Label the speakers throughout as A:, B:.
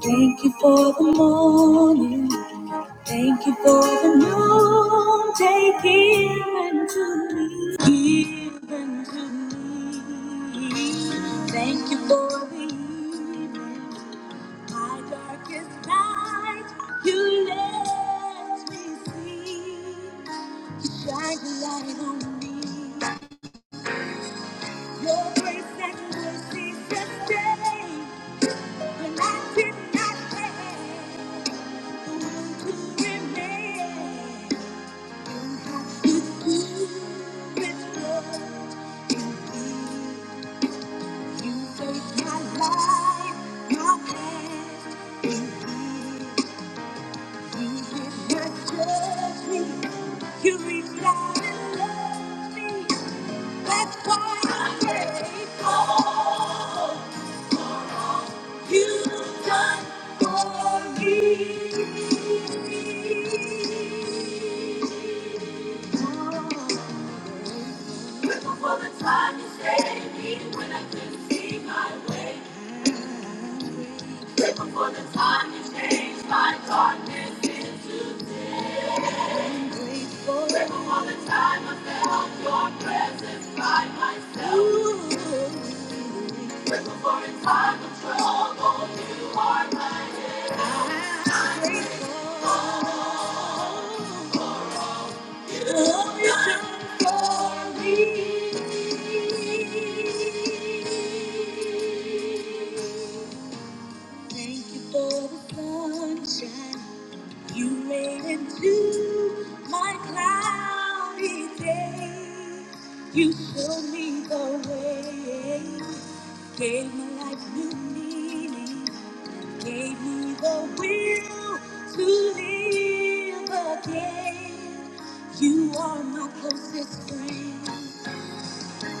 A: Thank you for the morning. Thank you for the noonday given to me. Given to me. Thank you for the evening. My darkest night, you let me see. You shine the light on me. Your grace and mercy sustain when I did not care. You reach out and love me. That's why I'm grateful. You've done for me. the Time you changed my darkness. Grateful all the time I felt your presence by myself. The Time I- Grateful. Thank you for the sunshine you made into my cloudy day. You showed me the way, gave my life new meaning gave me the will to live again. You are my closest friend.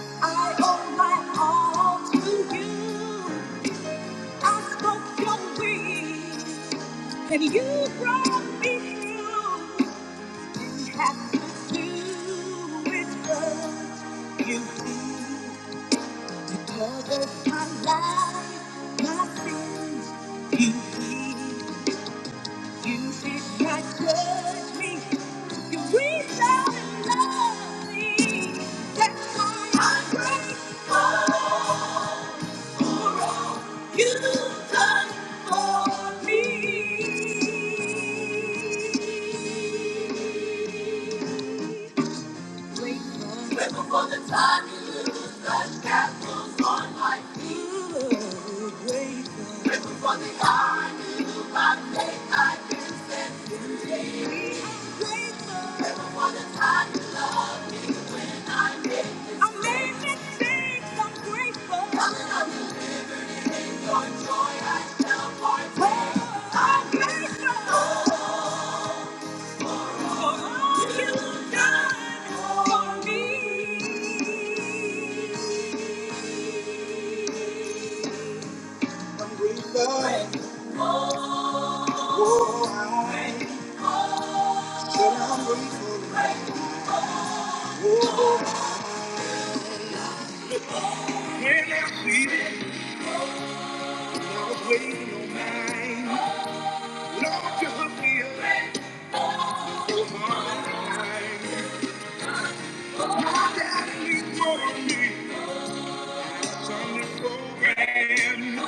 A: I owe my all to you. I spoke your will, and you brought me through. You have to do with what you did. You covered my life, my sins. You did. You did not judge me. You reached out and loved me. That's why I'm grateful. You've done for me. Grateful. Grateful for you. Grateful. Grateful for the God you have made. I've been set I'm grateful. Grateful for the time you love. Amazing I'm grateful for all you've done for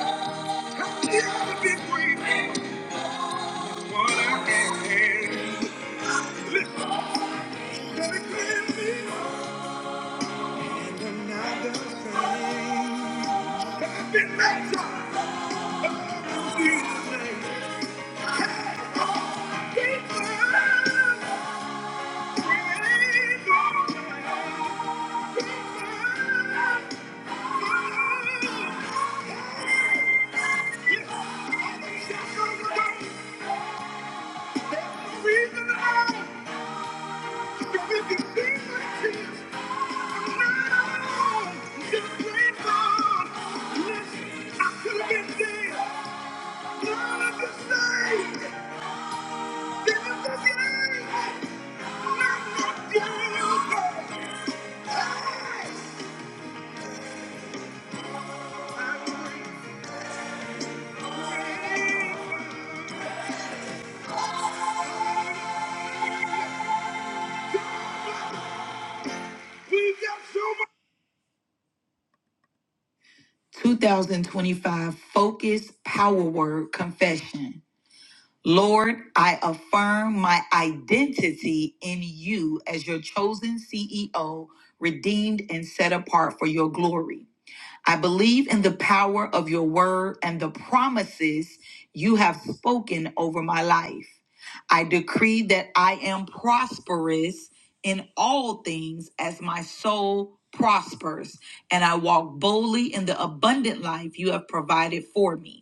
A: me. Hey! My focus power word confession. Lord, I affirm my identity in you as your chosen CEO, redeemed and set apart for your glory. I believe in the power of your word and the promises you have spoken over my life. I decree that I am prosperous in all things as my soul prospers, and I walk boldly in the abundant life you have provided for me.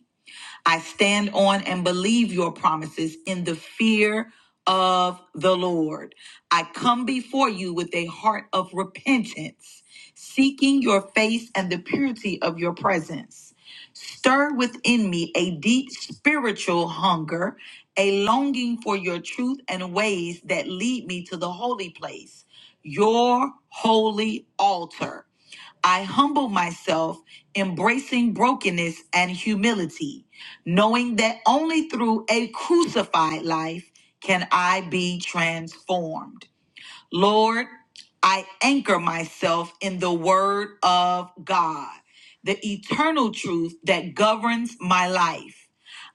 A: I stand on and believe your promises in the fear of the Lord. I come before you with a heart of repentance, seeking your face and the purity of your presence. Stir within me a deep spiritual hunger, a longing for your truth and ways that lead me to the holy place, your holy altar. I humble myself, embracing brokenness and humility, knowing that only through a crucified life can I be transformed. Lord, I anchor myself in the Word of God, the eternal truth that governs my life.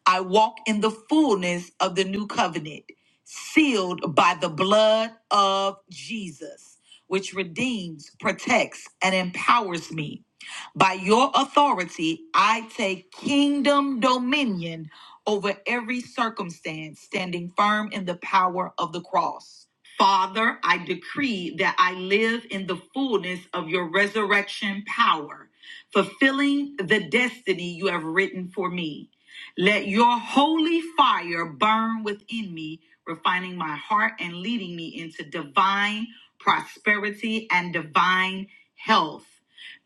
A: I walk in the fullness of the new covenant, sealed by the blood of Jesus, which redeems, protects, and empowers me. By your authority, I take kingdom dominion over every circumstance, standing firm in the power of the cross. Father, I decree that I live in the fullness of your resurrection power, fulfilling the destiny you have written for me. Let your holy fire burn within me, refining my heart and leading me into divine prosperity and divine health.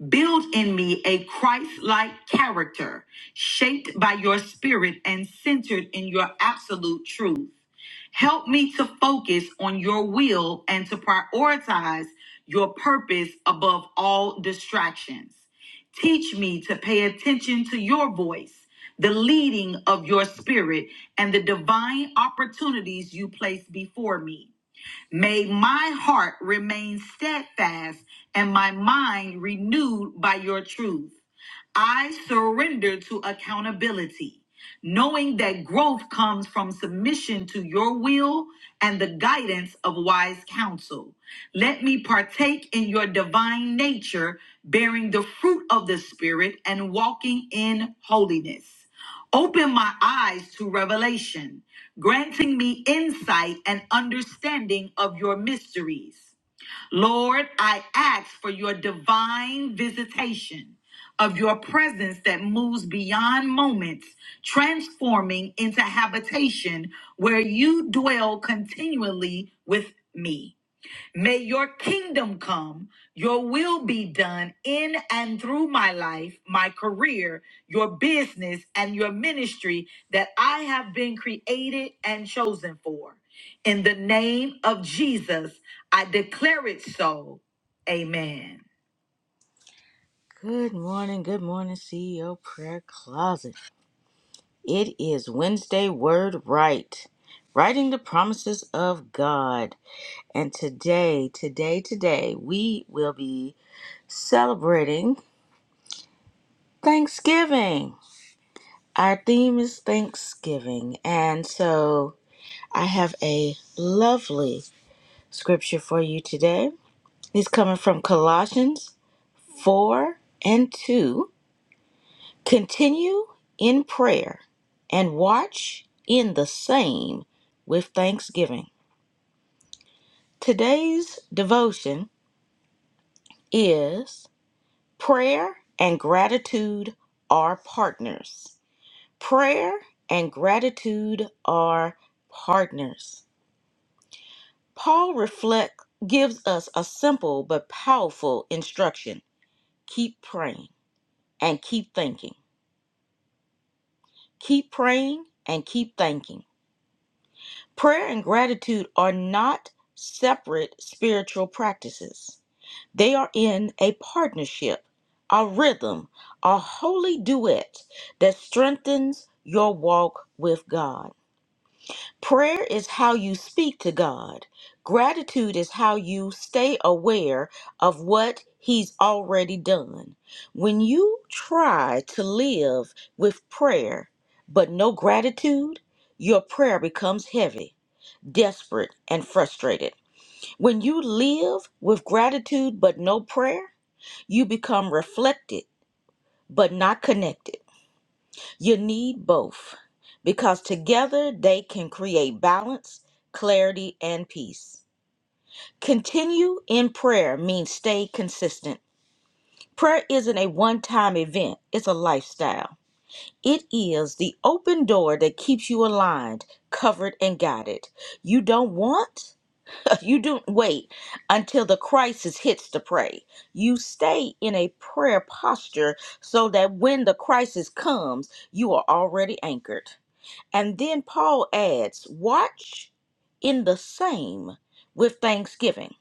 A: Build in me a Christ like character, shaped by your spirit and centered in your absolute truth. Help me to focus on your will and to prioritize your purpose above all distractions. Teach me to pay attention to your voice, the leading of your spirit, and the divine opportunities you place before me. May my heart remain steadfast and my mind renewed by your truth. I surrender to accountability, knowing that growth comes from submission to your will and the guidance of wise counsel. Let me partake in your divine nature, bearing the fruit of the Spirit and walking in holiness. Open my eyes to revelation granting me insight and understanding of your mysteries. Lord, I ask for your divine visitation of your presence that moves beyond moments, transforming into habitation where you dwell continually with me. May your kingdom come, your will be done in and through my life, my career, your business, and your ministry that I have been created and chosen for. In the name of Jesus, I declare it so. Amen. Good morning, good morning, CEO Prayer Closet. It is Wednesday Word Right, writing the promises of God. And today, today, today, we will be celebrating Thanksgiving. Our theme is Thanksgiving. And so I have a lovely scripture for you today. It's coming from Colossians 4 and 2. Continue in prayer and watch in the same with thanksgiving. Today's devotion is prayer and gratitude are partners. Prayer and gratitude are partners. Paul reflect gives us a simple but powerful instruction. Keep praying and keep thinking. Keep praying and keep thinking. Prayer and gratitude are not separate spiritual practices. They are in a partnership, a rhythm, a holy duet that strengthens your walk with God. Prayer is how you speak to God. Gratitude is how you stay aware of what He's already done. When you try to live with prayer but no gratitude, your prayer becomes heavy, desperate, and frustrated. When you live with gratitude but no prayer, you become reflected but not connected. You need both because together they can create balance, clarity, and peace. Continue in prayer means stay consistent. Prayer isn't a one time event, it's a lifestyle. It is the open door that keeps you aligned, covered, and guided. You don't want, you don't wait until the crisis hits to pray. You stay in a prayer posture so that when the crisis comes, you are already anchored. And then Paul adds, watch in the same with thanksgiving.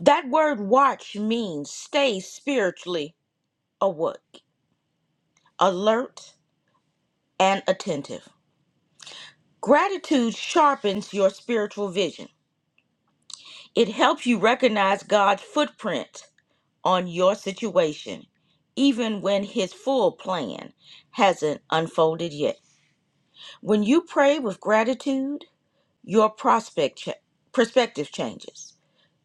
A: That word watch means stay spiritually awake, alert, and attentive. Gratitude sharpens your spiritual vision. It helps you recognize God's footprint on your situation, even when His full plan hasn't unfolded yet. When you pray with gratitude, your prospect cha- perspective changes.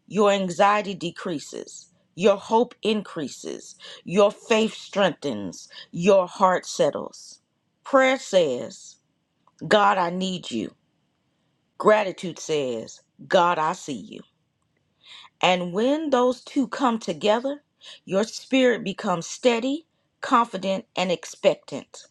A: Your anxiety decreases. Your hope increases. Your faith strengthens. Your heart settles. Prayer says, God, I need you. Gratitude says, God, I see you. And when those two come together, your spirit becomes steady, confident, and expectant.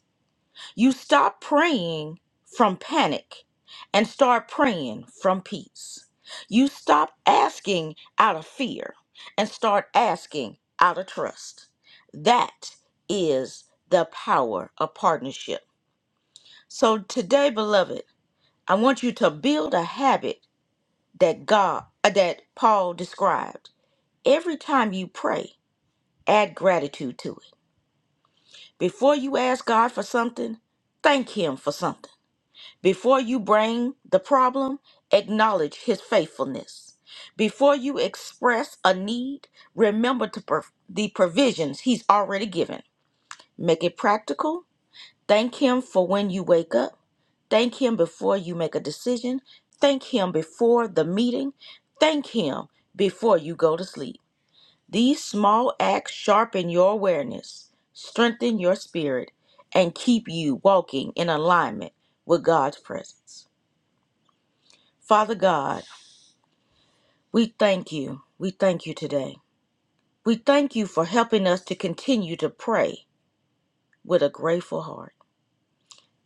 A: You stop praying from panic and start praying from peace. You stop asking out of fear and start asking out of trust. That is the power of partnership. So today, beloved, I want you to build a habit that God uh, that Paul described. Every time you pray, add gratitude to it. Before you ask God for something, thank him for something. Before you bring the problem, acknowledge his faithfulness. Before you express a need, remember to prov- the provisions he's already given. Make it practical. Thank him for when you wake up. Thank him before you make a decision. Thank him before the meeting. Thank him before you go to sleep. These small acts sharpen your awareness, strengthen your spirit, and keep you walking in alignment with God's presence. Father God, we thank you. We thank you today. We thank you for helping us to continue to pray with a grateful heart.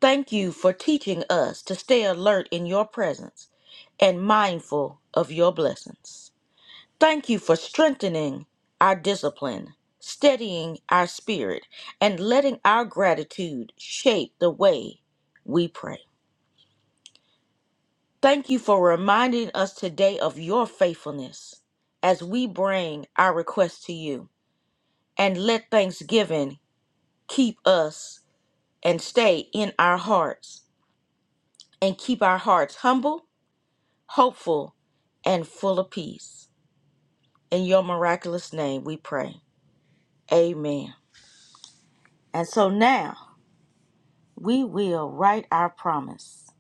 A: Thank you for teaching us to stay alert in your presence and mindful of your blessings. Thank you for strengthening our discipline, steadying our spirit, and letting our gratitude shape the way we pray. Thank you for reminding us today of your faithfulness as we bring our request to you. And let thanksgiving keep us and stay in our hearts and keep our hearts humble, hopeful, and full of peace. In your miraculous name we pray. Amen. And so now we will write our promise,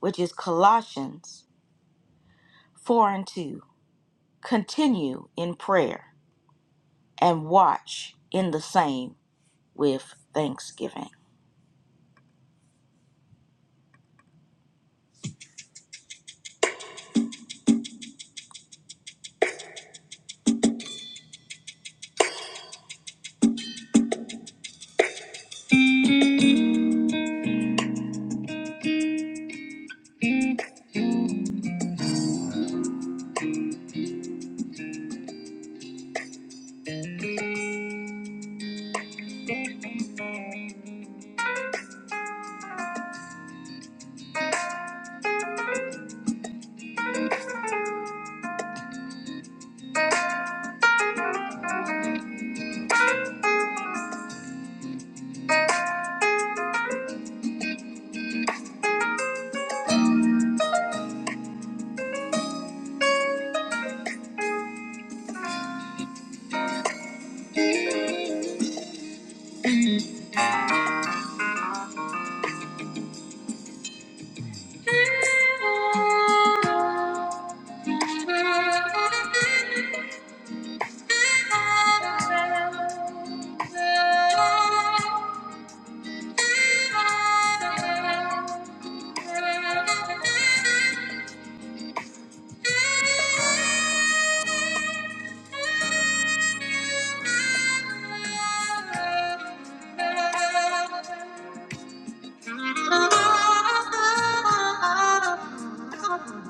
A: which is Colossians 4 and 2. Continue in prayer and watch in the same with thanksgiving. Oh.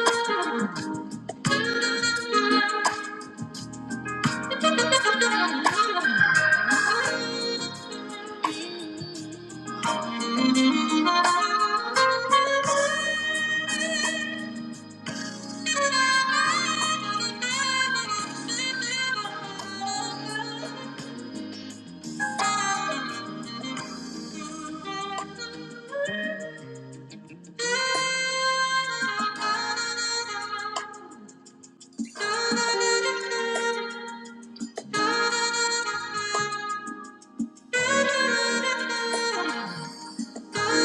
A: Thank you. Thank you. Thank you.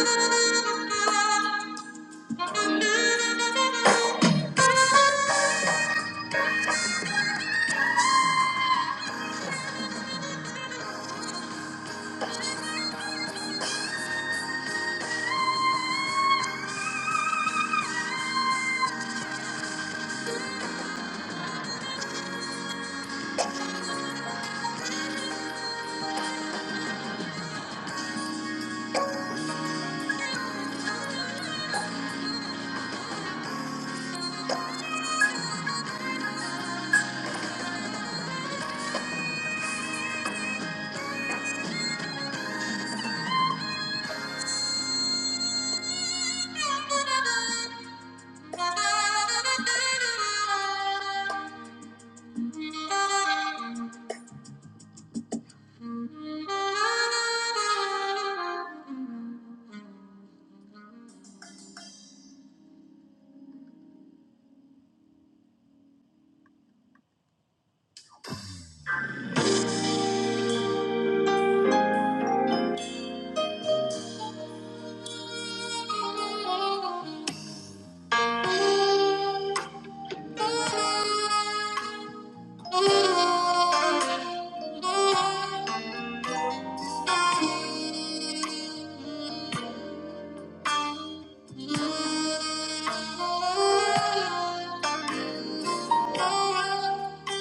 A: Oh.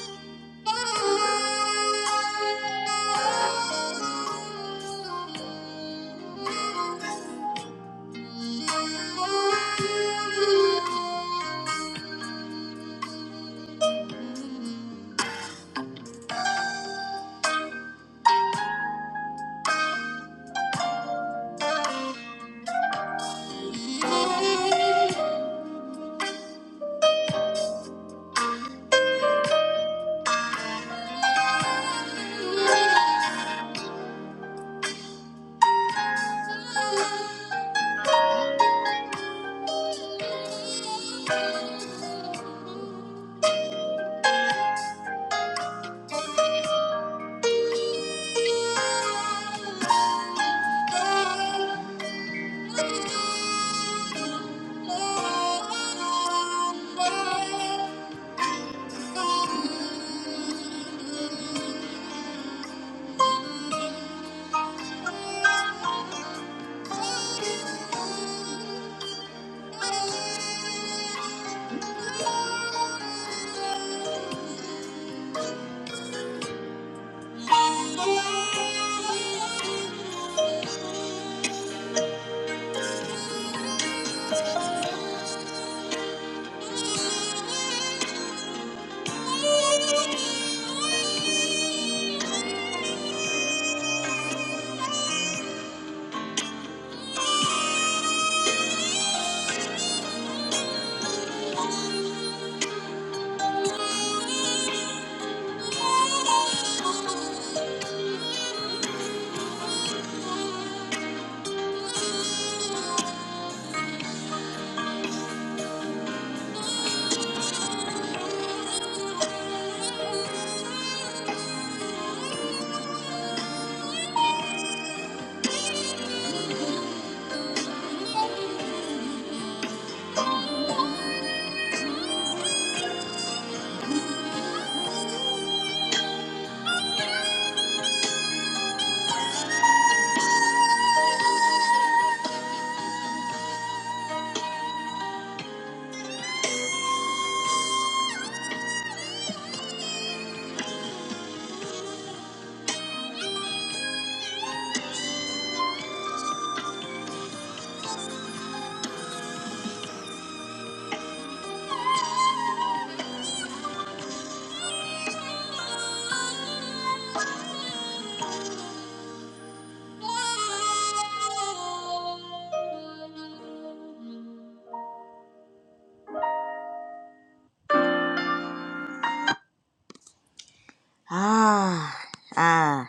A: Ah, ah,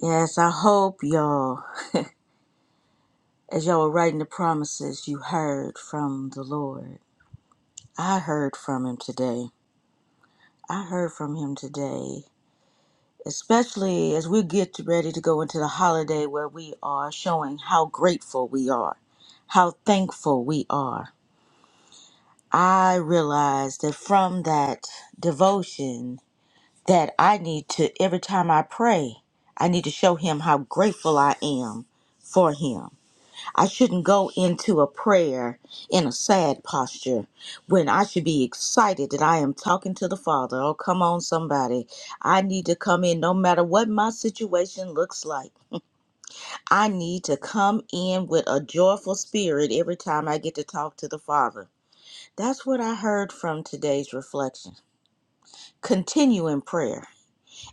A: yes, I hope y'all, as y'all were writing the promises, you heard from the Lord. I heard from him today. I heard from him today. especially as we get ready to go into the holiday where we are showing how grateful we are, how thankful we are. I realized that from that devotion that I need to every time I pray, I need to show him how grateful I am for him I shouldn't go into a prayer in a sad posture when I should be excited that I am talking to the Father. Oh, come on, somebody. I need to come in no matter what my situation looks like. I need to come in with a joyful spirit every time I get to talk to the Father. That's what I heard from today's reflection. Continue in prayer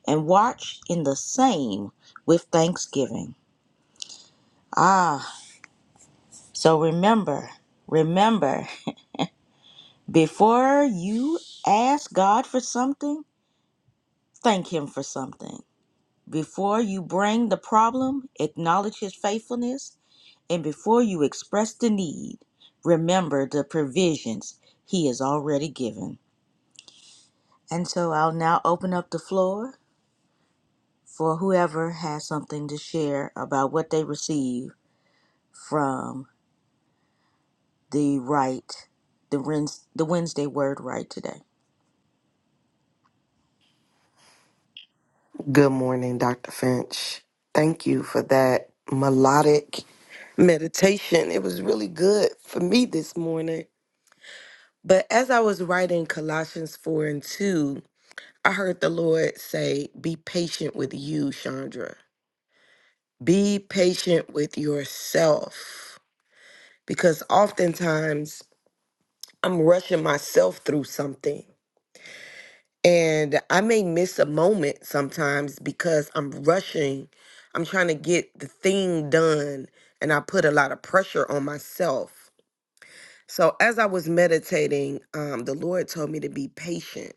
A: and watch in the same with thanksgiving. Ah, so remember, remember. Before you ask God for something, thank Him for something. Before you bring the problem, acknowledge His faithfulness. And before you express the need, remember the provisions He has already given. And so I'll now open up the floor for whoever has something to share about what they receive from the right, the, Wednes- the Wednesday word right today.
B: Good morning, Dr. Finch. Thank you for that melodic meditation. It was really good for me this morning. But as I was writing Colossians 4 and 2, I heard the Lord say, Be patient with you, Chandra. Be patient with yourself. Because oftentimes I'm rushing myself through something And I may miss a moment sometimes because I'm rushing. I'm trying to get the thing done, and I put a lot of pressure on myself. So, as I was meditating, um, the Lord told me to be patient.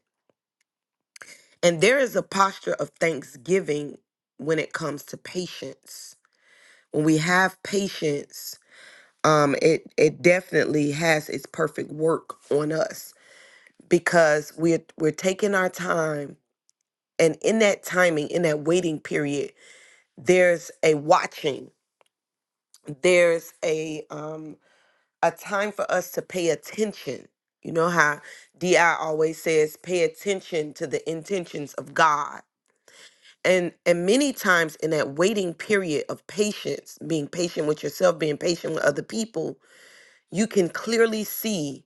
B: And there is a posture of thanksgiving when it comes to patience. When we have patience, um, it, it definitely has its perfect work on us because we're, we're taking our time And in that timing, in that waiting period, there's a watching. There's a um a time for us to pay attention. You know how DI always says pay attention to the intentions of God. And and many times in that waiting period of patience, being patient with yourself, being patient with other people, you can clearly see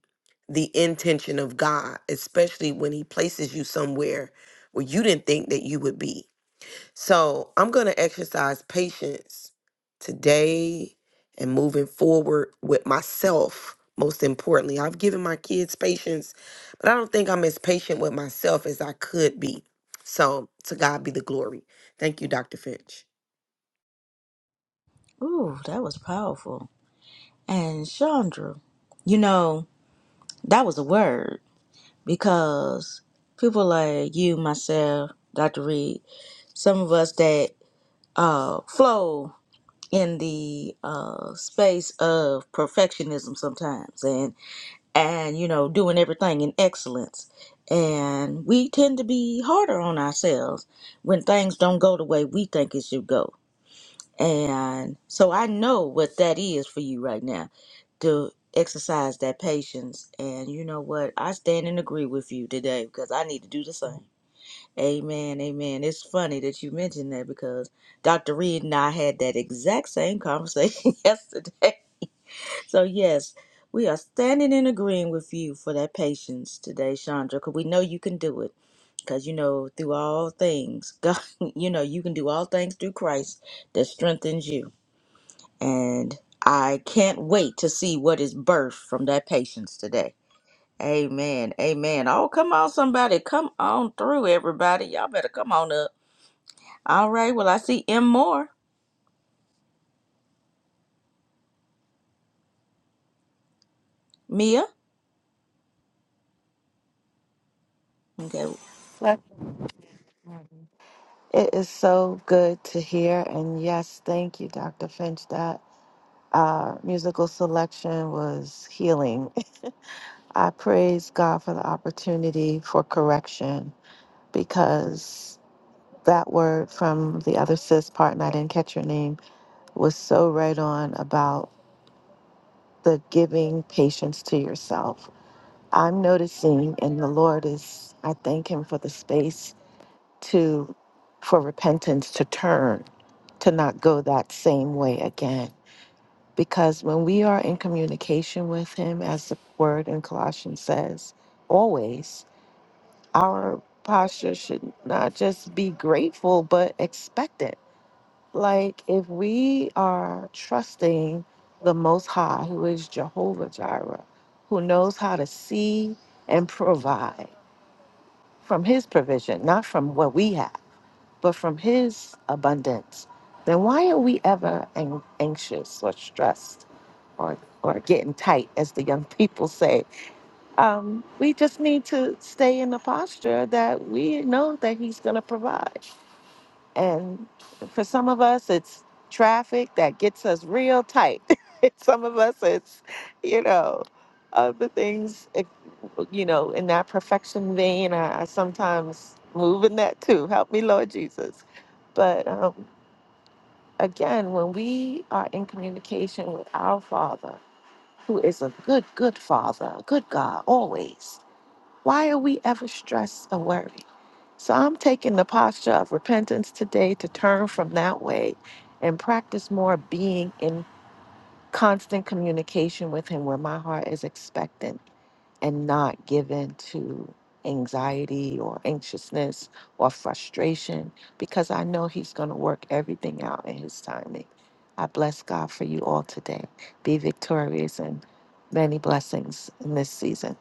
B: the intention of God, especially when he places you somewhere where you didn't think that you would be So I'm going to exercise patience today and moving forward with myself. Most importantly, I've given my kids patience, but I don't think I'm as patient with myself as I could be. So to God be the glory. Thank you, Dr. Finch.
A: Ooh, that was powerful. And Chandra, you know. That was a word because people like you, myself, Dr. Reed, some of us that uh, flow in the uh, space of perfectionism sometimes and and you know doing everything in excellence and we tend to be harder on ourselves when things don't go the way we think it should go and so I know what that is for you right now to exercise that patience. And you know what? I stand and agree with you today because I need to do the same. Amen. Amen. It's funny that you mentioned that because Dr. Reed and I had that exact same conversation yesterday. So, yes, we are standing and agreeing with you for that patience today, Chandra, because we know you can do it. Because, you know, through all things, God, you know, you can do all things through Christ that strengthens you. And I can't wait to see what is birthed from that patience today. Amen. Amen. Oh, come on, somebody. Come on through, everybody. Y'all better come on up. All right. Well, I see M Moore. Mia. Okay.
C: Fleck, It is so good to hear. And yes, thank you, Dr. Finch. That uh, musical selection was healing. I praise God for the opportunity for correction because that word from the other sis partner I didn't catch your name, was so right on about the giving patience to yourself. I'm noticing, and the Lord is, I thank Him for the space to for repentance to turn to not go that same way again because when we are in communication with him as the word in colossians says always our posture should not just be grateful but expectant like if we are trusting the most high who is jehovah jireh who knows how to see and provide from his provision not from what we have but from His abundance, then why are we ever an- anxious or stressed or, or getting tight, as the young people say? Um, we just need to stay in the posture that we know that He's going to provide. And for some of us, it's traffic that gets us real tight. some of us, it's, you know, other things, it- you know, in that perfection vein. I, I sometimes move in that too. Help me, Lord Jesus. But um, again, when we are in communication with our Father, who is a good, good Father, a good God, always why are we ever stressed or worried? So I'm taking the posture of repentance today to turn from that way and practice more being in constant communication with Him where my heart is expectant and not given to anxiety or anxiousness or frustration because I know He's going to work everything out in His timing. I bless God for you all today. Be victorious and many blessings in this season.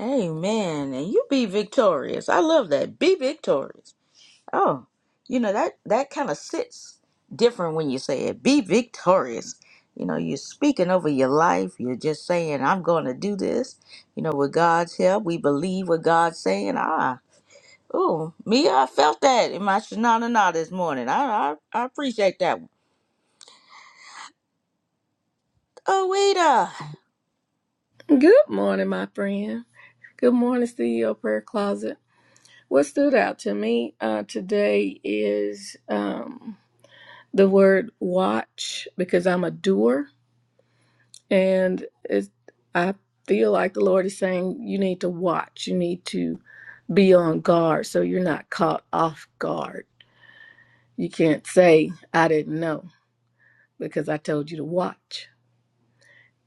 A: Amen. And you be victorious. I love that. Be victorious. Oh, you know that that kind of sits different when you say it. Be victorious. You know, you're speaking over your life. You're just saying, "I'm going to do this." You know, with God's help, we believe what God's saying. Ah, oh, me, I felt that in my shenanigans this morning. I, I I appreciate that one. Oh, Wita.
D: Good morning, my friend. Good morning, CEO Prayer Closet. What stood out to me uh, today is um, the word watch because I'm a doer. And it's, I feel like the Lord is saying, you need to watch, you need to be on guard so you're not caught off guard. You can't say, I didn't know because I told you to watch.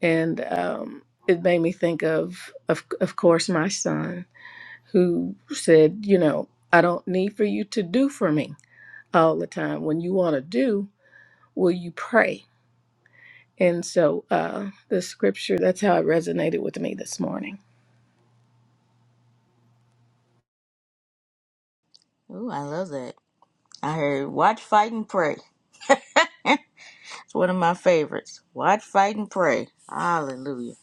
D: And um, it made me think of, of, of course, my son who said, you know, I don't need for you to do for me all the time. When you want to do, will you pray? And so uh, the scripture, that's how it resonated with me this morning.
A: oh, I love that. I heard "Watch, Fight, and Pray." It's one of my favorites. Watch, Fight, and Pray. Hallelujah.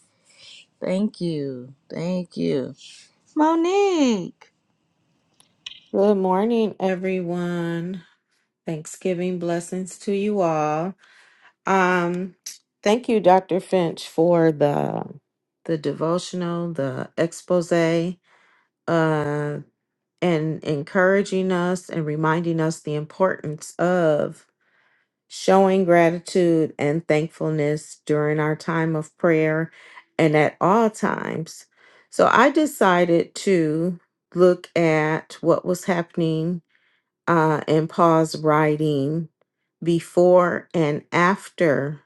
A: Thank you. Thank you, Monique.
E: Good morning, everyone. Thanksgiving blessings to you all. Um, thank you, Dr. Finch, for the the devotional, the expose, uh, and encouraging us and reminding us the importance of showing gratitude and thankfulness during our time of prayer and at all times. So I decided to look at what was happening uh, and Paul's writing before and after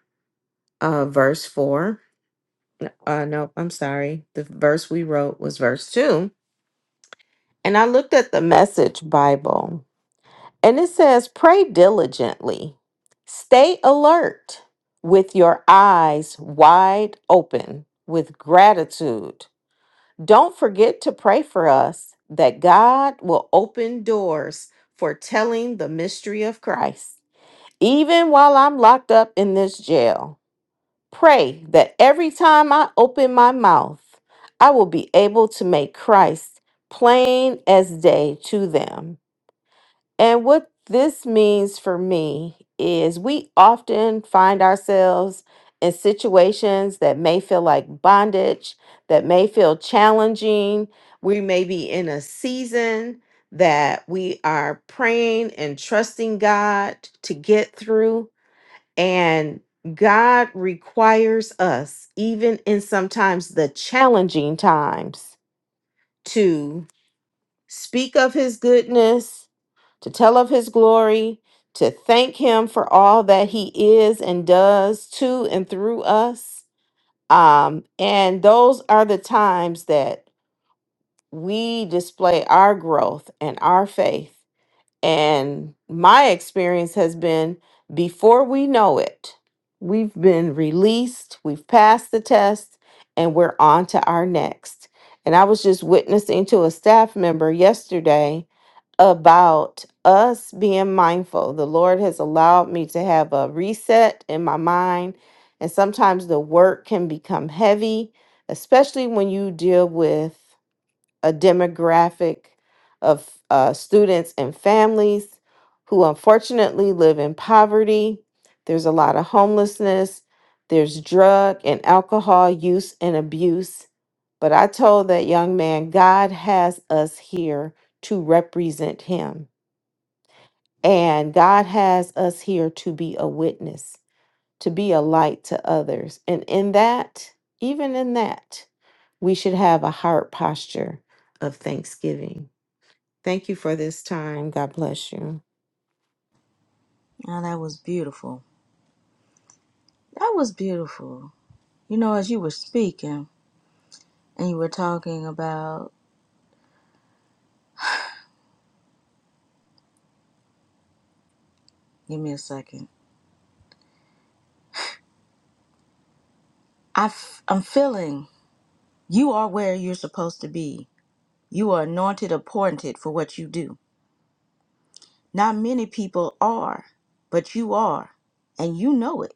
E: uh, verse 4. Uh, nope, I'm sorry. The verse we wrote was verse 2. And I looked at the message Bible and it says, Pray diligently, stay alert with your eyes wide open with gratitude. Don't forget to pray for us that God will open doors for telling the mystery of Christ Even while I'm locked up in this jail, pray that every time I open my mouth, I will be able to make Christ plain as day to them. And what this means for me is we often find ourselves in situations that may feel like bondage, that may feel challenging. We may be in a season that we are praying and trusting God to get through. And God requires us, even in sometimes the challenging times, to speak of his goodness, to tell of his glory, to thank him for all that he is and does to and through us. Um, and those are the times that we display our growth and our faith and my experience has been before we know it, we've been released, we've passed the test, and we're on to our next. And I was just witnessing to a staff member yesterday about us being mindful. The Lord has allowed me to have a reset in my mind. And sometimes the work can become heavy, especially when you deal with a demographic of uh, students and families who unfortunately live in poverty. There's a lot of homelessness. There's drug and alcohol use and abuse. But I told that young man, God has us here to represent him. And God has us here to be a witness, to be a light to others. And in that, even in that, we should have a heart posture of thanksgiving. Thank you for this time. God bless you.
A: Oh, that was beautiful. That was beautiful. You know, as you were speaking and you were talking about, give me a second. I f- I'm feeling you are where you're supposed to be. You are anointed, appointed for what you do. Not many people are, but you are, and you know it.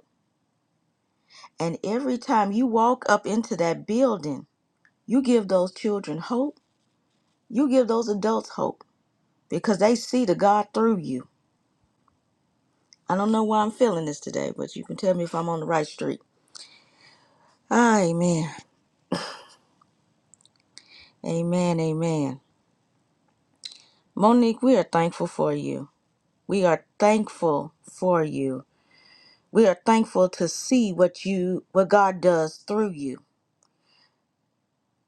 A: And every time you walk up into that building, you give those children hope. You give those adults hope because they see the God through you. I don't know why I'm feeling this today, but you can tell me if I'm on the right street. Ah, Amen. Amen. Amen. Monique, we are thankful for you. We are thankful for you. We are thankful to see what you what God does through you.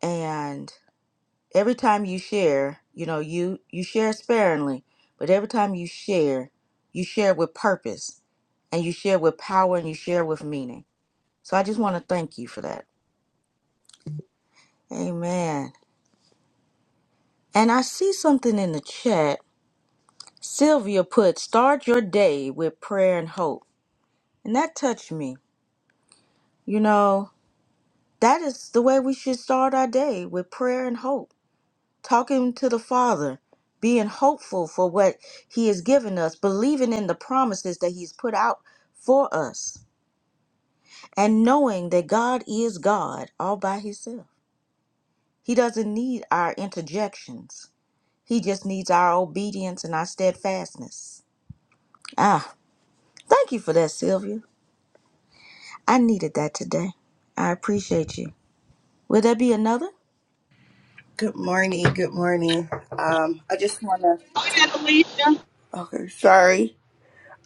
A: And every time you share, you know, you you share sparingly, but every time you share, you share with purpose and you share with power and you share with meaning. So I just want to thank you for that. Amen. And I see something in the chat. Sylvia put, start your day with prayer and hope. And that touched me. You know, that is the way we should start our day with prayer and hope, talking to the Father, being hopeful for what He has given us, believing in the promises that He's put out for us, and knowing that God is God all by Himself. He doesn't need our interjections, He just needs our obedience and our steadfastness. Ah, thank you for that, Sylvia. I needed that today. I appreciate you. Will there be another?
F: Good morning. Good morning. Um, I just want to.
G: Go ahead, Alicia.
F: Okay, sorry.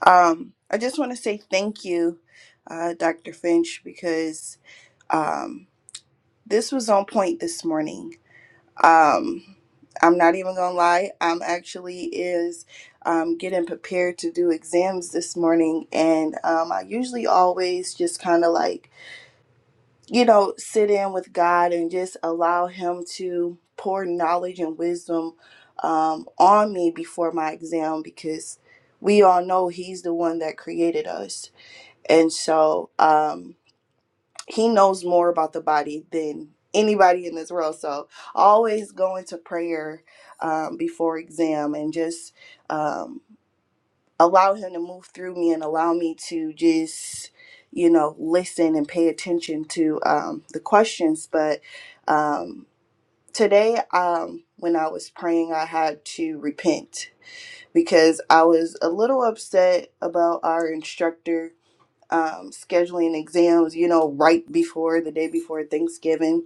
F: Um, I just want to say thank you, uh, Dr. Finch, because um, this was on point this morning. Um, I'm not even gonna lie. I'm actually is um, getting prepared to do exams this morning, and um, I usually always just kind of like you know, sit in with God and just allow Him to pour knowledge and wisdom um, on me before my exam because we all know He's the one that created us. And so um, He knows more about the body than anybody in this world. So always go into prayer um, before exam and just. Um, allow him to move through me and allow me to just you know listen and pay attention to um, the questions but um, today um, when i was praying i had to repent because i was a little upset about our instructor um, scheduling exams you know right before the day before thanksgiving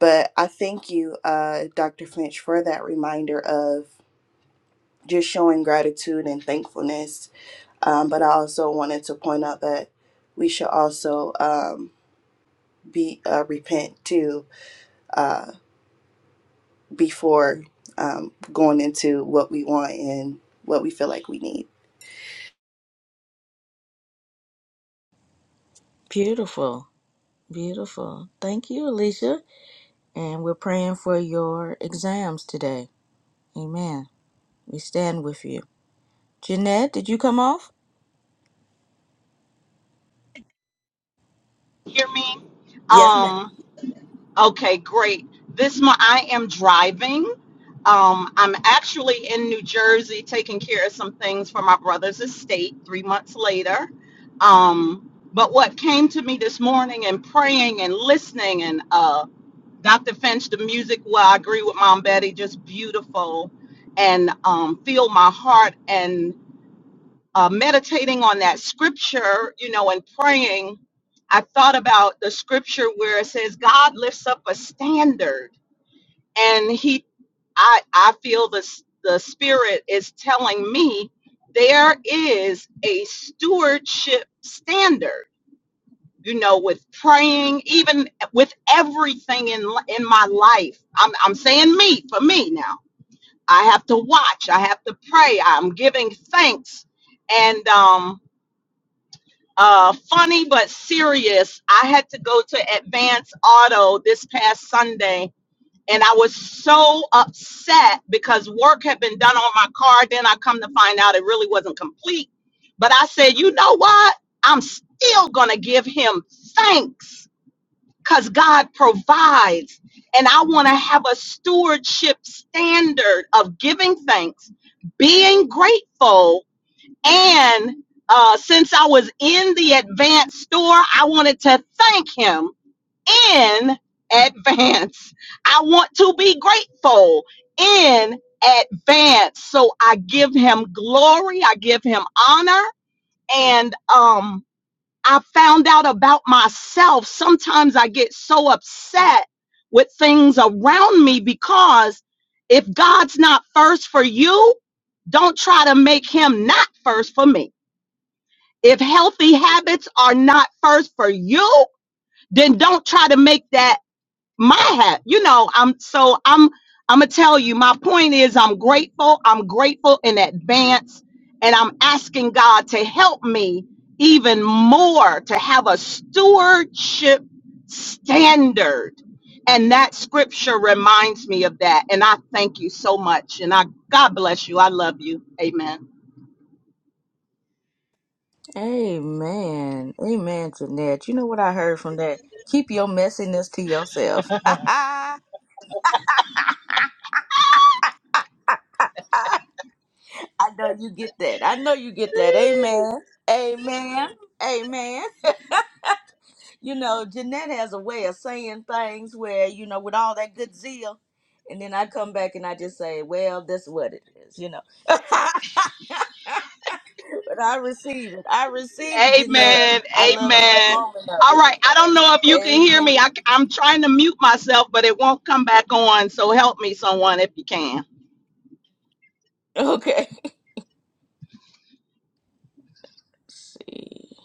F: but I thank you, uh, Dr. Finch, for that reminder of just showing gratitude and thankfulness um, but I also wanted to point out that we should also um, be uh, repent too uh, before um, going into what we want and what we feel like we need.
A: Beautiful. Beautiful. Thank you, Alicia. And we're praying for your exams today. Amen. We stand with you. Jeanette, did you come off?
G: Hear me?
A: Yes, ma'am.
G: Um, okay, great. This month I am driving. Um, I'm actually in New Jersey taking care of some things for my brother's estate three months later. Um, but what came to me this morning and praying and listening and uh, Dr. Finch, the music, well, I agree with Mom Betty, just beautiful and um, filled my heart and. uh, meditating on that scripture, you know, and praying, I thought about the scripture where it says God lifts up a standard, and He, I, I feel the s- the Spirit is telling me there is a stewardship standard, you know, with praying, even with everything in li- in my life. I'm I'm saying me for me now. I have to watch. I have to pray. I'm giving thanks, and um uh, funny but serious. I had to go to Advance Auto this past Sunday, and I was so upset because work had been done on my car. Then I come to find out it really wasn't complete. But I said, you know what? I'm still gonna give him thanks because God provides. And I want to have a stewardship standard of giving thanks, being grateful, and uh, since I was in the advance store, I wanted to thank him in advance. I want to be grateful in advance. So I give him glory, I give him honor, and um, I found out about myself. Sometimes I get so upset with things around me because if God's not first for you, don't try to make him not first for me if healthy habits are not first for you, then don't try to make that my hat. You know, I'm so I'm I'm gonna tell you, my point is I'm grateful. I'm grateful in advance, and I'm asking God to help me even more to have a stewardship standard. And that scripture reminds me of that. And I thank you so much. And I God bless you. I love you. Amen.
A: Amen. Amen, Jeanette. You know what I heard from that? Keep your messiness to yourself. I know you get that. I know you get that. Amen. Amen. Amen. You know, Jeanette has a way of saying things where, you know, with all that good zeal, and then I come back and I just say, well, that's what it is, you know. but I receive it. I receive it, Jeanette.
G: Amen.
A: I love every
G: Amen.
A: moment of
G: All
A: it.
G: right. I don't know if you can hear
A: Amen.
G: me. I, am trying to mute myself, but it won't come back on. So help me, someone, if you can.
A: Okay. see.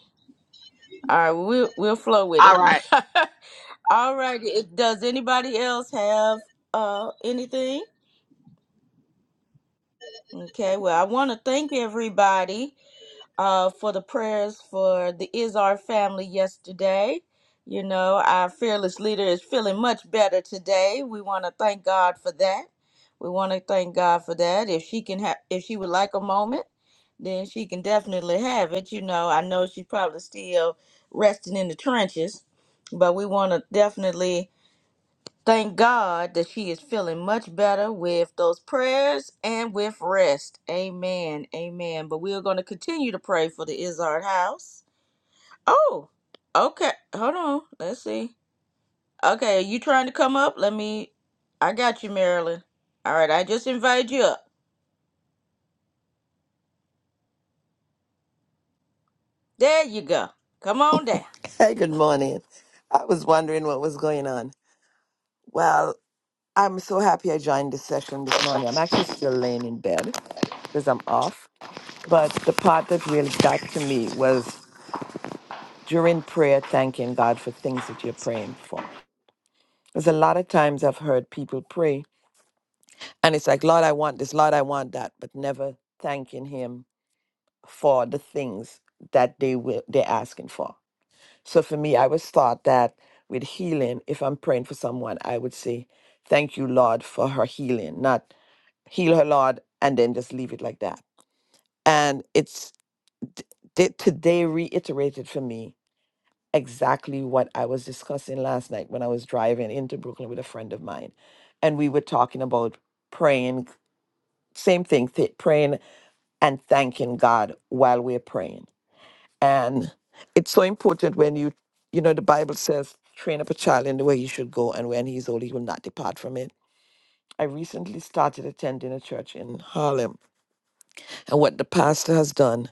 A: All right, we'll we'll flow with
G: All
A: it.
G: right.
A: All right. it- Does anybody else have uh anything? Okay. Well, I want to thank everybody. uh, for the prayers for the Izar family yesterday. You know, our fearless leader is feeling much better today. We want to thank God for that. We want to thank God for that. If she can have, if she would like a moment, then she can definitely have it. You know, I know she's probably still resting in the trenches, but we want to definitely Thank God that she is feeling much better with those prayers and with rest. Amen. Amen. But we are going to continue to pray for the Izzard house. Oh, okay. Hold on. Let's see. Okay, are you trying to come up? Let me. I got you, Marilyn. All right, I just invited you up. There you go. Come on down.
H: Hey, good morning. I was wondering what was going on. Well, I'm so happy I joined this session this morning. I'm actually still laying in bed because I'm off. But the part that really got to me was during prayer, thanking God for things that you're praying for. Because a lot of times I've heard people pray and it's like, Lord, I want this, Lord, I want that, but never thanking Him for the things that they will, they're asking for. So for me, I would start that with healing. If I'm praying for someone, I would say, Thank you, Lord, for her healing, not heal her, Lord, and then just leave it like that. And it's d- d- today reiterated for me exactly what I was discussing last night when I was driving into Brooklyn with a friend of mine. And we were talking about praying, same thing, th- praying and thanking God while we're praying. And it's so important when you, you know, the Bible says, train up a child in the way he should go, and when he's old, he will not depart from it. I recently started attending a church in Harlem, and what the pastor has done.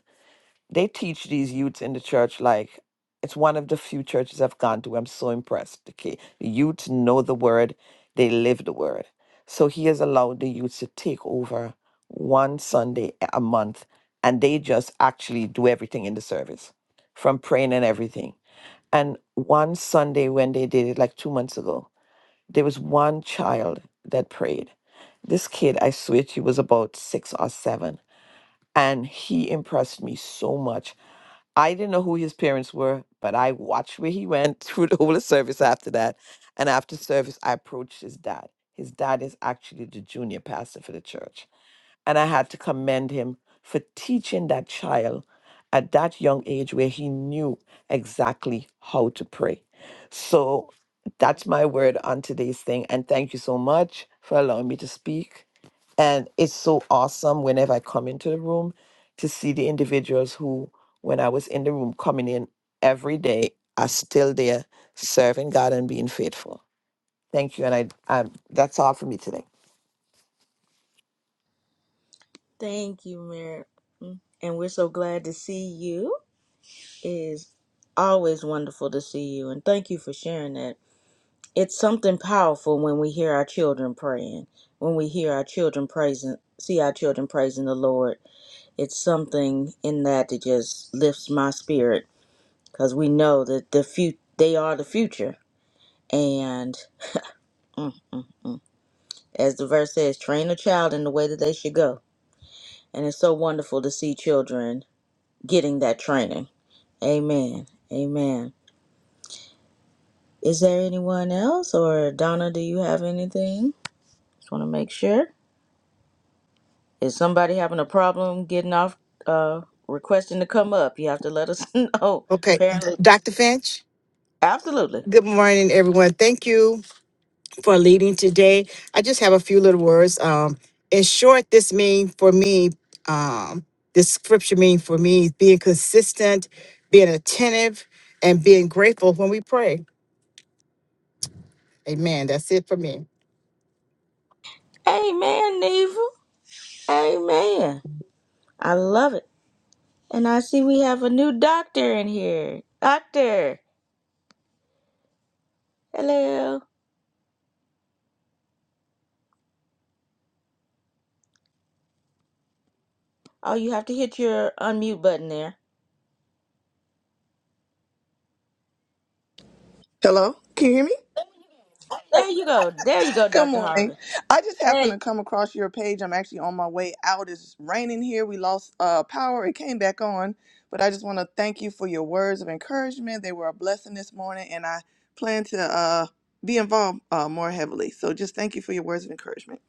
H: They teach these youths in the church like it's one of the few churches I've gone to. I'm so impressed. Okay, the youths know the word, they live the word. So he has allowed the youths to take over one Sunday a a month, and they just actually do everything in the service, from praying and everything. And one Sunday when they did it, like two months ago, there was one child that prayed. This kid, I swear, she was about six or seven and he impressed me so much. I didn't know who his parents were, but I watched where he went through the whole of service after that. And after service, I approached his dad. His dad is actually the junior pastor for the church. And I had to commend him for teaching that child at that young age where he knew exactly how to pray. So that's my word on today's thing. And thank you so much for allowing me to speak. And it's so awesome whenever I come into the room to see the individuals who, when I was in the room coming in every day, are still there serving God and being faithful. Thank you. And I, um, that's all for me today.
A: Thank you, Marilyn. And we're so glad to see you. It is always wonderful to see you. And thank you for sharing that it's something powerful when we hear our children praying when we hear our children praising see our children praising the lord it's something in that that just lifts my spirit because we know that the fut they are the future and as the verse says train a child in the way that they should go and it's so wonderful to see children getting that training amen amen is there anyone else or donna do you have anything just want to make sure Is somebody having a problem getting off, uh, requesting to come up? You have to let us know.
I: Okay,
A: Apparently,
I: Dr. Finch,
A: absolutely.
I: good morning, everyone. Thank you for leading today. I just have a few little words. Um, in short, this mean for me, um, this scripture mean for me being consistent, being attentive, and being grateful when we pray. Amen. That's it for me.
A: Amen, Neva. Amen. I love it. And I see we have a new doctor in here. Doctor, hello. Oh, you have to hit your unmute button there.
J: Hello, can you hear me?
A: There you go. There you go,
J: Good
A: Dr.
J: morning.
A: Harvey.
J: I just happened
A: Hey.
J: to come across your page. I'm actually on my way out. It's raining here. We lost uh, power. It came back on, but I just want to thank you for your words of encouragement. They were a blessing this morning, and I plan to uh, be involved uh, more heavily. So just thank you for your words of encouragement.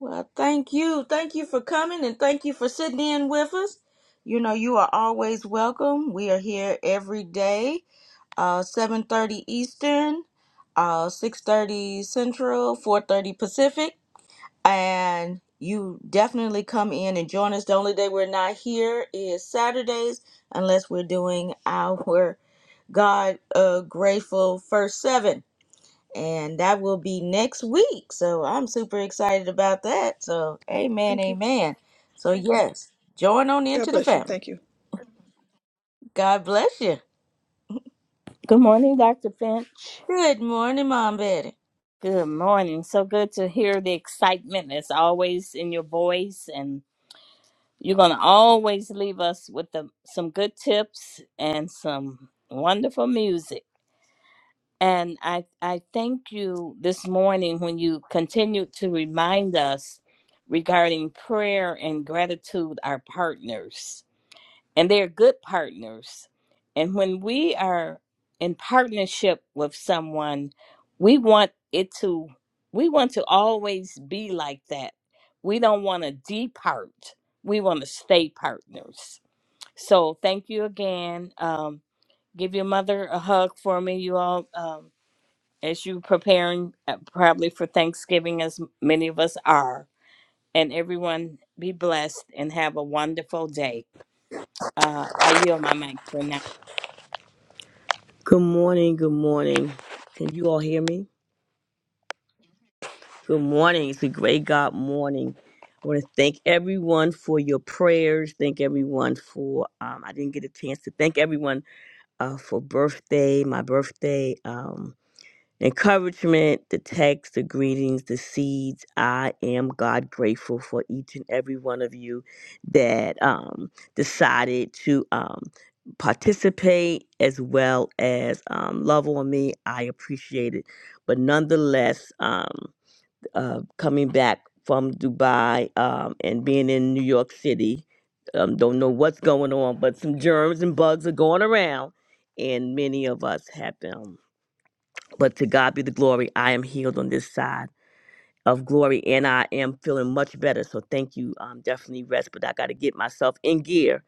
A: Well, thank you. Thank you for coming and thank you for sitting in with us. You know, you are always welcome. We are here every day uh 7:30 Eastern, uh 6:30 Central, 4:30 Pacific, and you definitely come in and join us. The only day we're not here is Saturdays unless we're doing our God uh grateful first 7 and that will be next week. So I'm super excited about that. So amen,
J: Thank you.
A: amen. So yes, join on
J: God
A: into the
J: bless you.
A: family.
J: Thank you.
A: God bless you.
K: Good morning, Dr. Finch.
A: Good morning, Mom Betty.
K: Good morning. So good to hear the excitement that's always in your voice, and you're going to always leave us with the, some good tips and some wonderful music. And I, I thank you this morning when you continued to remind us regarding prayer and gratitude, our partners. and they are good partners. And when we are in partnership with someone, we want it to we want to always be like that. We don't want to depart. We want to stay partners. So thank you again. Um, give your mother a hug for me, you all, um, as you preparing uh, probably for Thanksgiving, as many of us are. And everyone be blessed and have a wonderful day. Uh, I yield my mic for now.
L: Good morning. Good morning. Can you all hear me? Good morning. It's a great God morning. I want to thank everyone for your prayers. Thank everyone for. Um, I didn't get a chance to thank everyone uh, for birthday, my birthday. um, encouragement, the text, the greetings, the seeds. I am God grateful for each and every one of you that um, decided to um, participate as well as um, love on me. I appreciate it. But nonetheless, um, uh, coming back from Dubai um, and being in New York City, um, don't know what's going on, but some germs and bugs are going around. And many of us have them but to God be the glory, I am healed on this side of glory and I am feeling much better. So thank you. Um, definitely rest, but I got to get myself in gear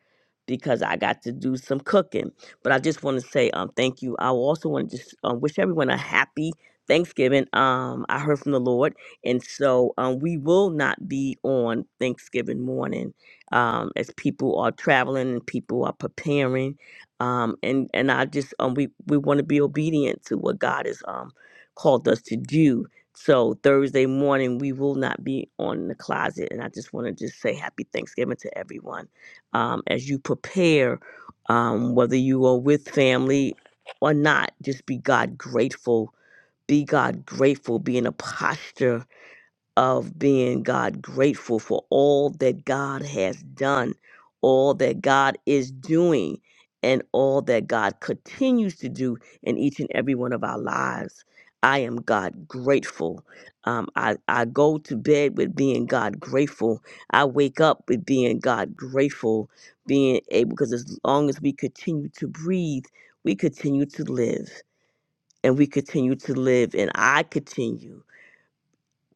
L: because I got to do some cooking. But I just want to say um, thank you. I also want to just um, wish everyone a happy Thanksgiving. Um, I heard from the Lord. And so um, we will not be on Thanksgiving morning um, as people are traveling and people are preparing. Um, and, and I just, um, we, we want to be obedient to what God has um, called us to do so Thursday morning we will not be on the closet, and I just want to just say happy Thanksgiving to everyone. Um, as you prepare, um, whether you are with family or not, just be God grateful. Be God grateful. Be in a posture of being God grateful for all that God has done, all that God is doing, and all that God continues to do in each and every one of our lives. I am God grateful. Um, I, I go to bed with being God grateful. I wake up with being God grateful, being able, because as long as we continue to breathe, we continue to live, and we continue to live, and I continue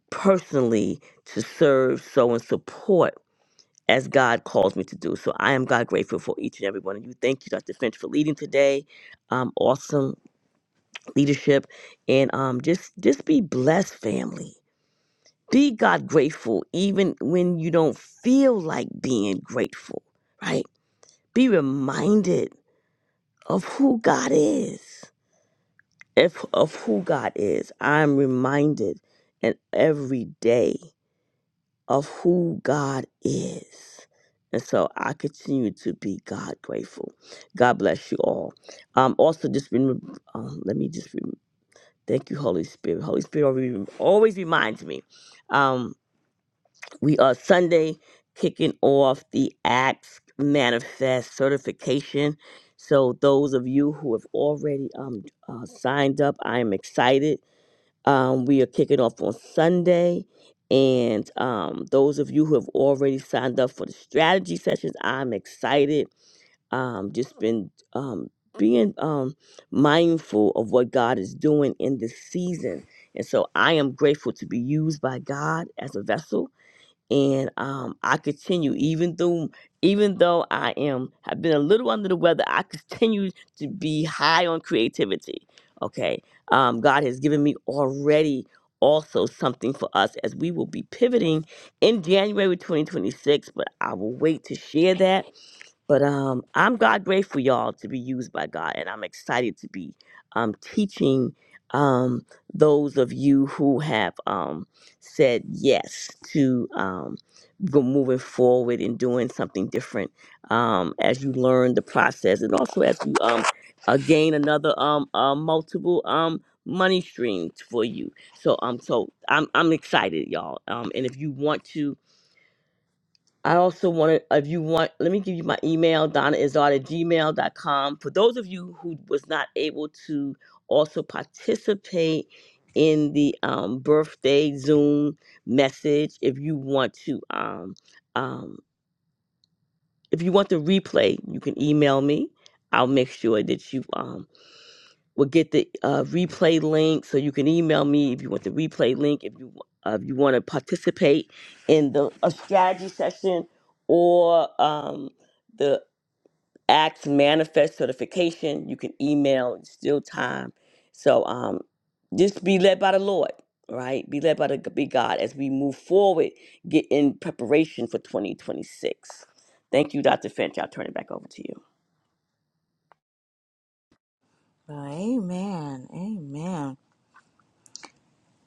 L: personally to serve, sow, and support as God calls me to do. So I am God grateful for each and every one of you. Thank you, Dr. Finch, for leading today. Um, awesome leadership, and um, just just be blessed, family. Be God grateful, even when you don't feel like being grateful. Right? Be reminded of who God is. If of who God is, I'm reminded, and every day. of who God is. And so I continue to be God grateful. God bless you all. Um, also, just remember, um, let me just rem thank you, Holy Spirit. Holy Spirit always always reminds me. Um, we are Sunday kicking off the Acts Manifest certification. So those of you who have already um, uh, signed up, I am excited um, we are kicking off on Sunday. And um, those of you who have already signed up for the strategy sessions, I'm excited. Um, just been um, being um, mindful of what God is doing in this season. And so I am grateful to be used by God as a vessel and um, I continue even though even though I am have been a little under the weather, I continue to be high on creativity. Okay, um, God has given me already also something for us as we will be pivoting in January 2026, but I will wait to share that but um, I'm God grateful, y'all, to be used by God, and I'm excited to be um, teaching um, those of you who have um, said yes to um, go moving forward and doing something different um, as you learn the process, and also as you um, uh, gain another um, uh, multiple um, money streams for you. So um, so I'm I'm excited, y'all. Um, and if you want to I also want to, if you want, let me give you my email, donnaizard at gmail.com. For those of you who was not able to also participate in the um, birthday Zoom message, if you want to, um, um, if you want the replay, you can email me. I'll make sure that you um, will get the uh, replay link, so you can email me if you want the replay link. If you uh, if you want to participate in the a strategy session or um, the Acts Manifest certification, you can email. It's still time. So um, just be led by the Lord, right? Be led by the be God as we move forward, get in preparation for 2026. Thank you, Dr. Finch. I'll turn it back over to you.
A: Amen. Amen.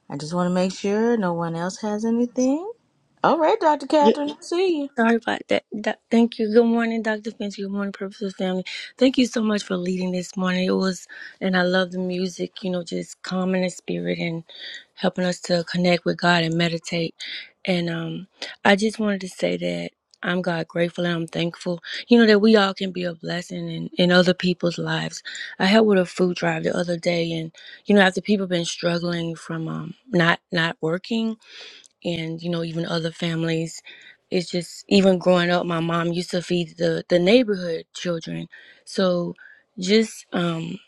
A: I just want to make sure no one else has anything. All right, Dr.
M: Yeah,
A: Catherine, I see you.
M: sorry about that. Th- Thank you. Good morning, Dr. Finch. Good morning, Purposeful Family. Thank you so much for leading this morning. It was, and I love the music, you know, just calming the spirit and helping us to connect with God and meditate. And um, I just wanted to say that I'm God grateful and I'm thankful, you know, that we all can be a blessing in, in other people's lives. I helped with a food drive the other day, and, you know, after people been struggling from um, not not working and you know even other families it's just even growing up my mom used to feed the the neighborhood children so just um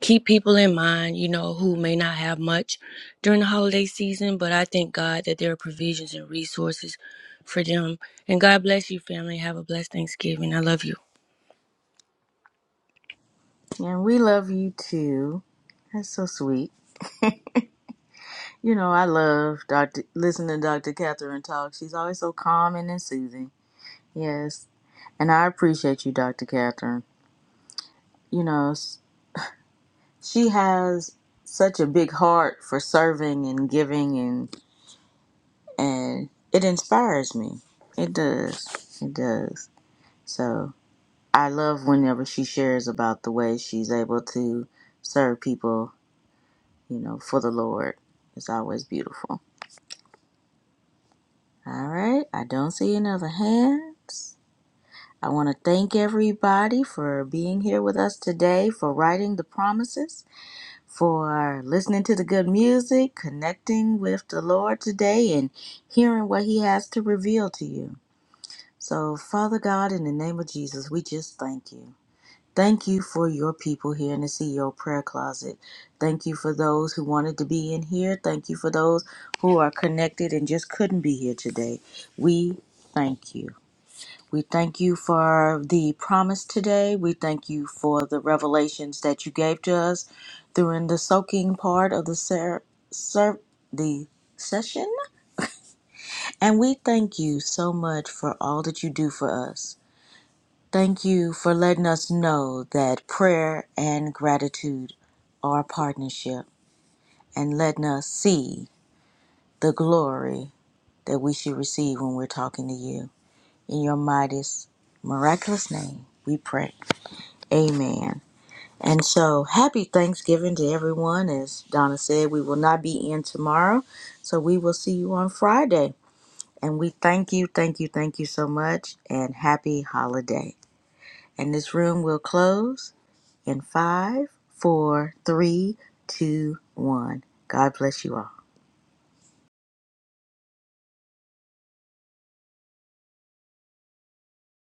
M: keep people in mind you know who may not have much during the holiday season but i thank god that there are provisions and resources for them and god bless you family have a blessed thanksgiving i love you
A: And we love you too. That's so sweet. You know, I love Dr. listening to Dr. Catherine talk. She's always so calm and soothing. Yes. And I appreciate you, Dr. Catherine. You know, s- she has such a big heart for serving and giving and and it inspires me. It does. It does. So. I love whenever she shares about the way she's able to serve people, you know, for the Lord. It's always beautiful. All right, I don't see any other hands. I want to thank everybody for being here with us today, for writing the promises, for listening to the good music, connecting with the Lord today, and hearing what He has to reveal to you. So, Father God, in the name of Jesus, we just thank you. Thank you for your people here in the CEO prayer closet. Thank you for those who wanted to be in here. Thank you for those who are connected and just couldn't be here today. We thank you. We thank you for the promise today. We thank you for the revelations that you gave to us during the soaking part of the ser- ser- the session. And we thank you so much for all that you do for us. Thank you for letting us know that prayer and gratitude are partnership and letting us see the glory that we should receive when we're talking to you. In your mightiest, miraculous name, we pray. Amen. And so, happy Thanksgiving to everyone. As Donna said, we will not be in tomorrow, so we will see you on Friday. And we thank you, thank you, thank you so much, and happy holiday. And this room will close in five, four, three, two, one. God bless you all.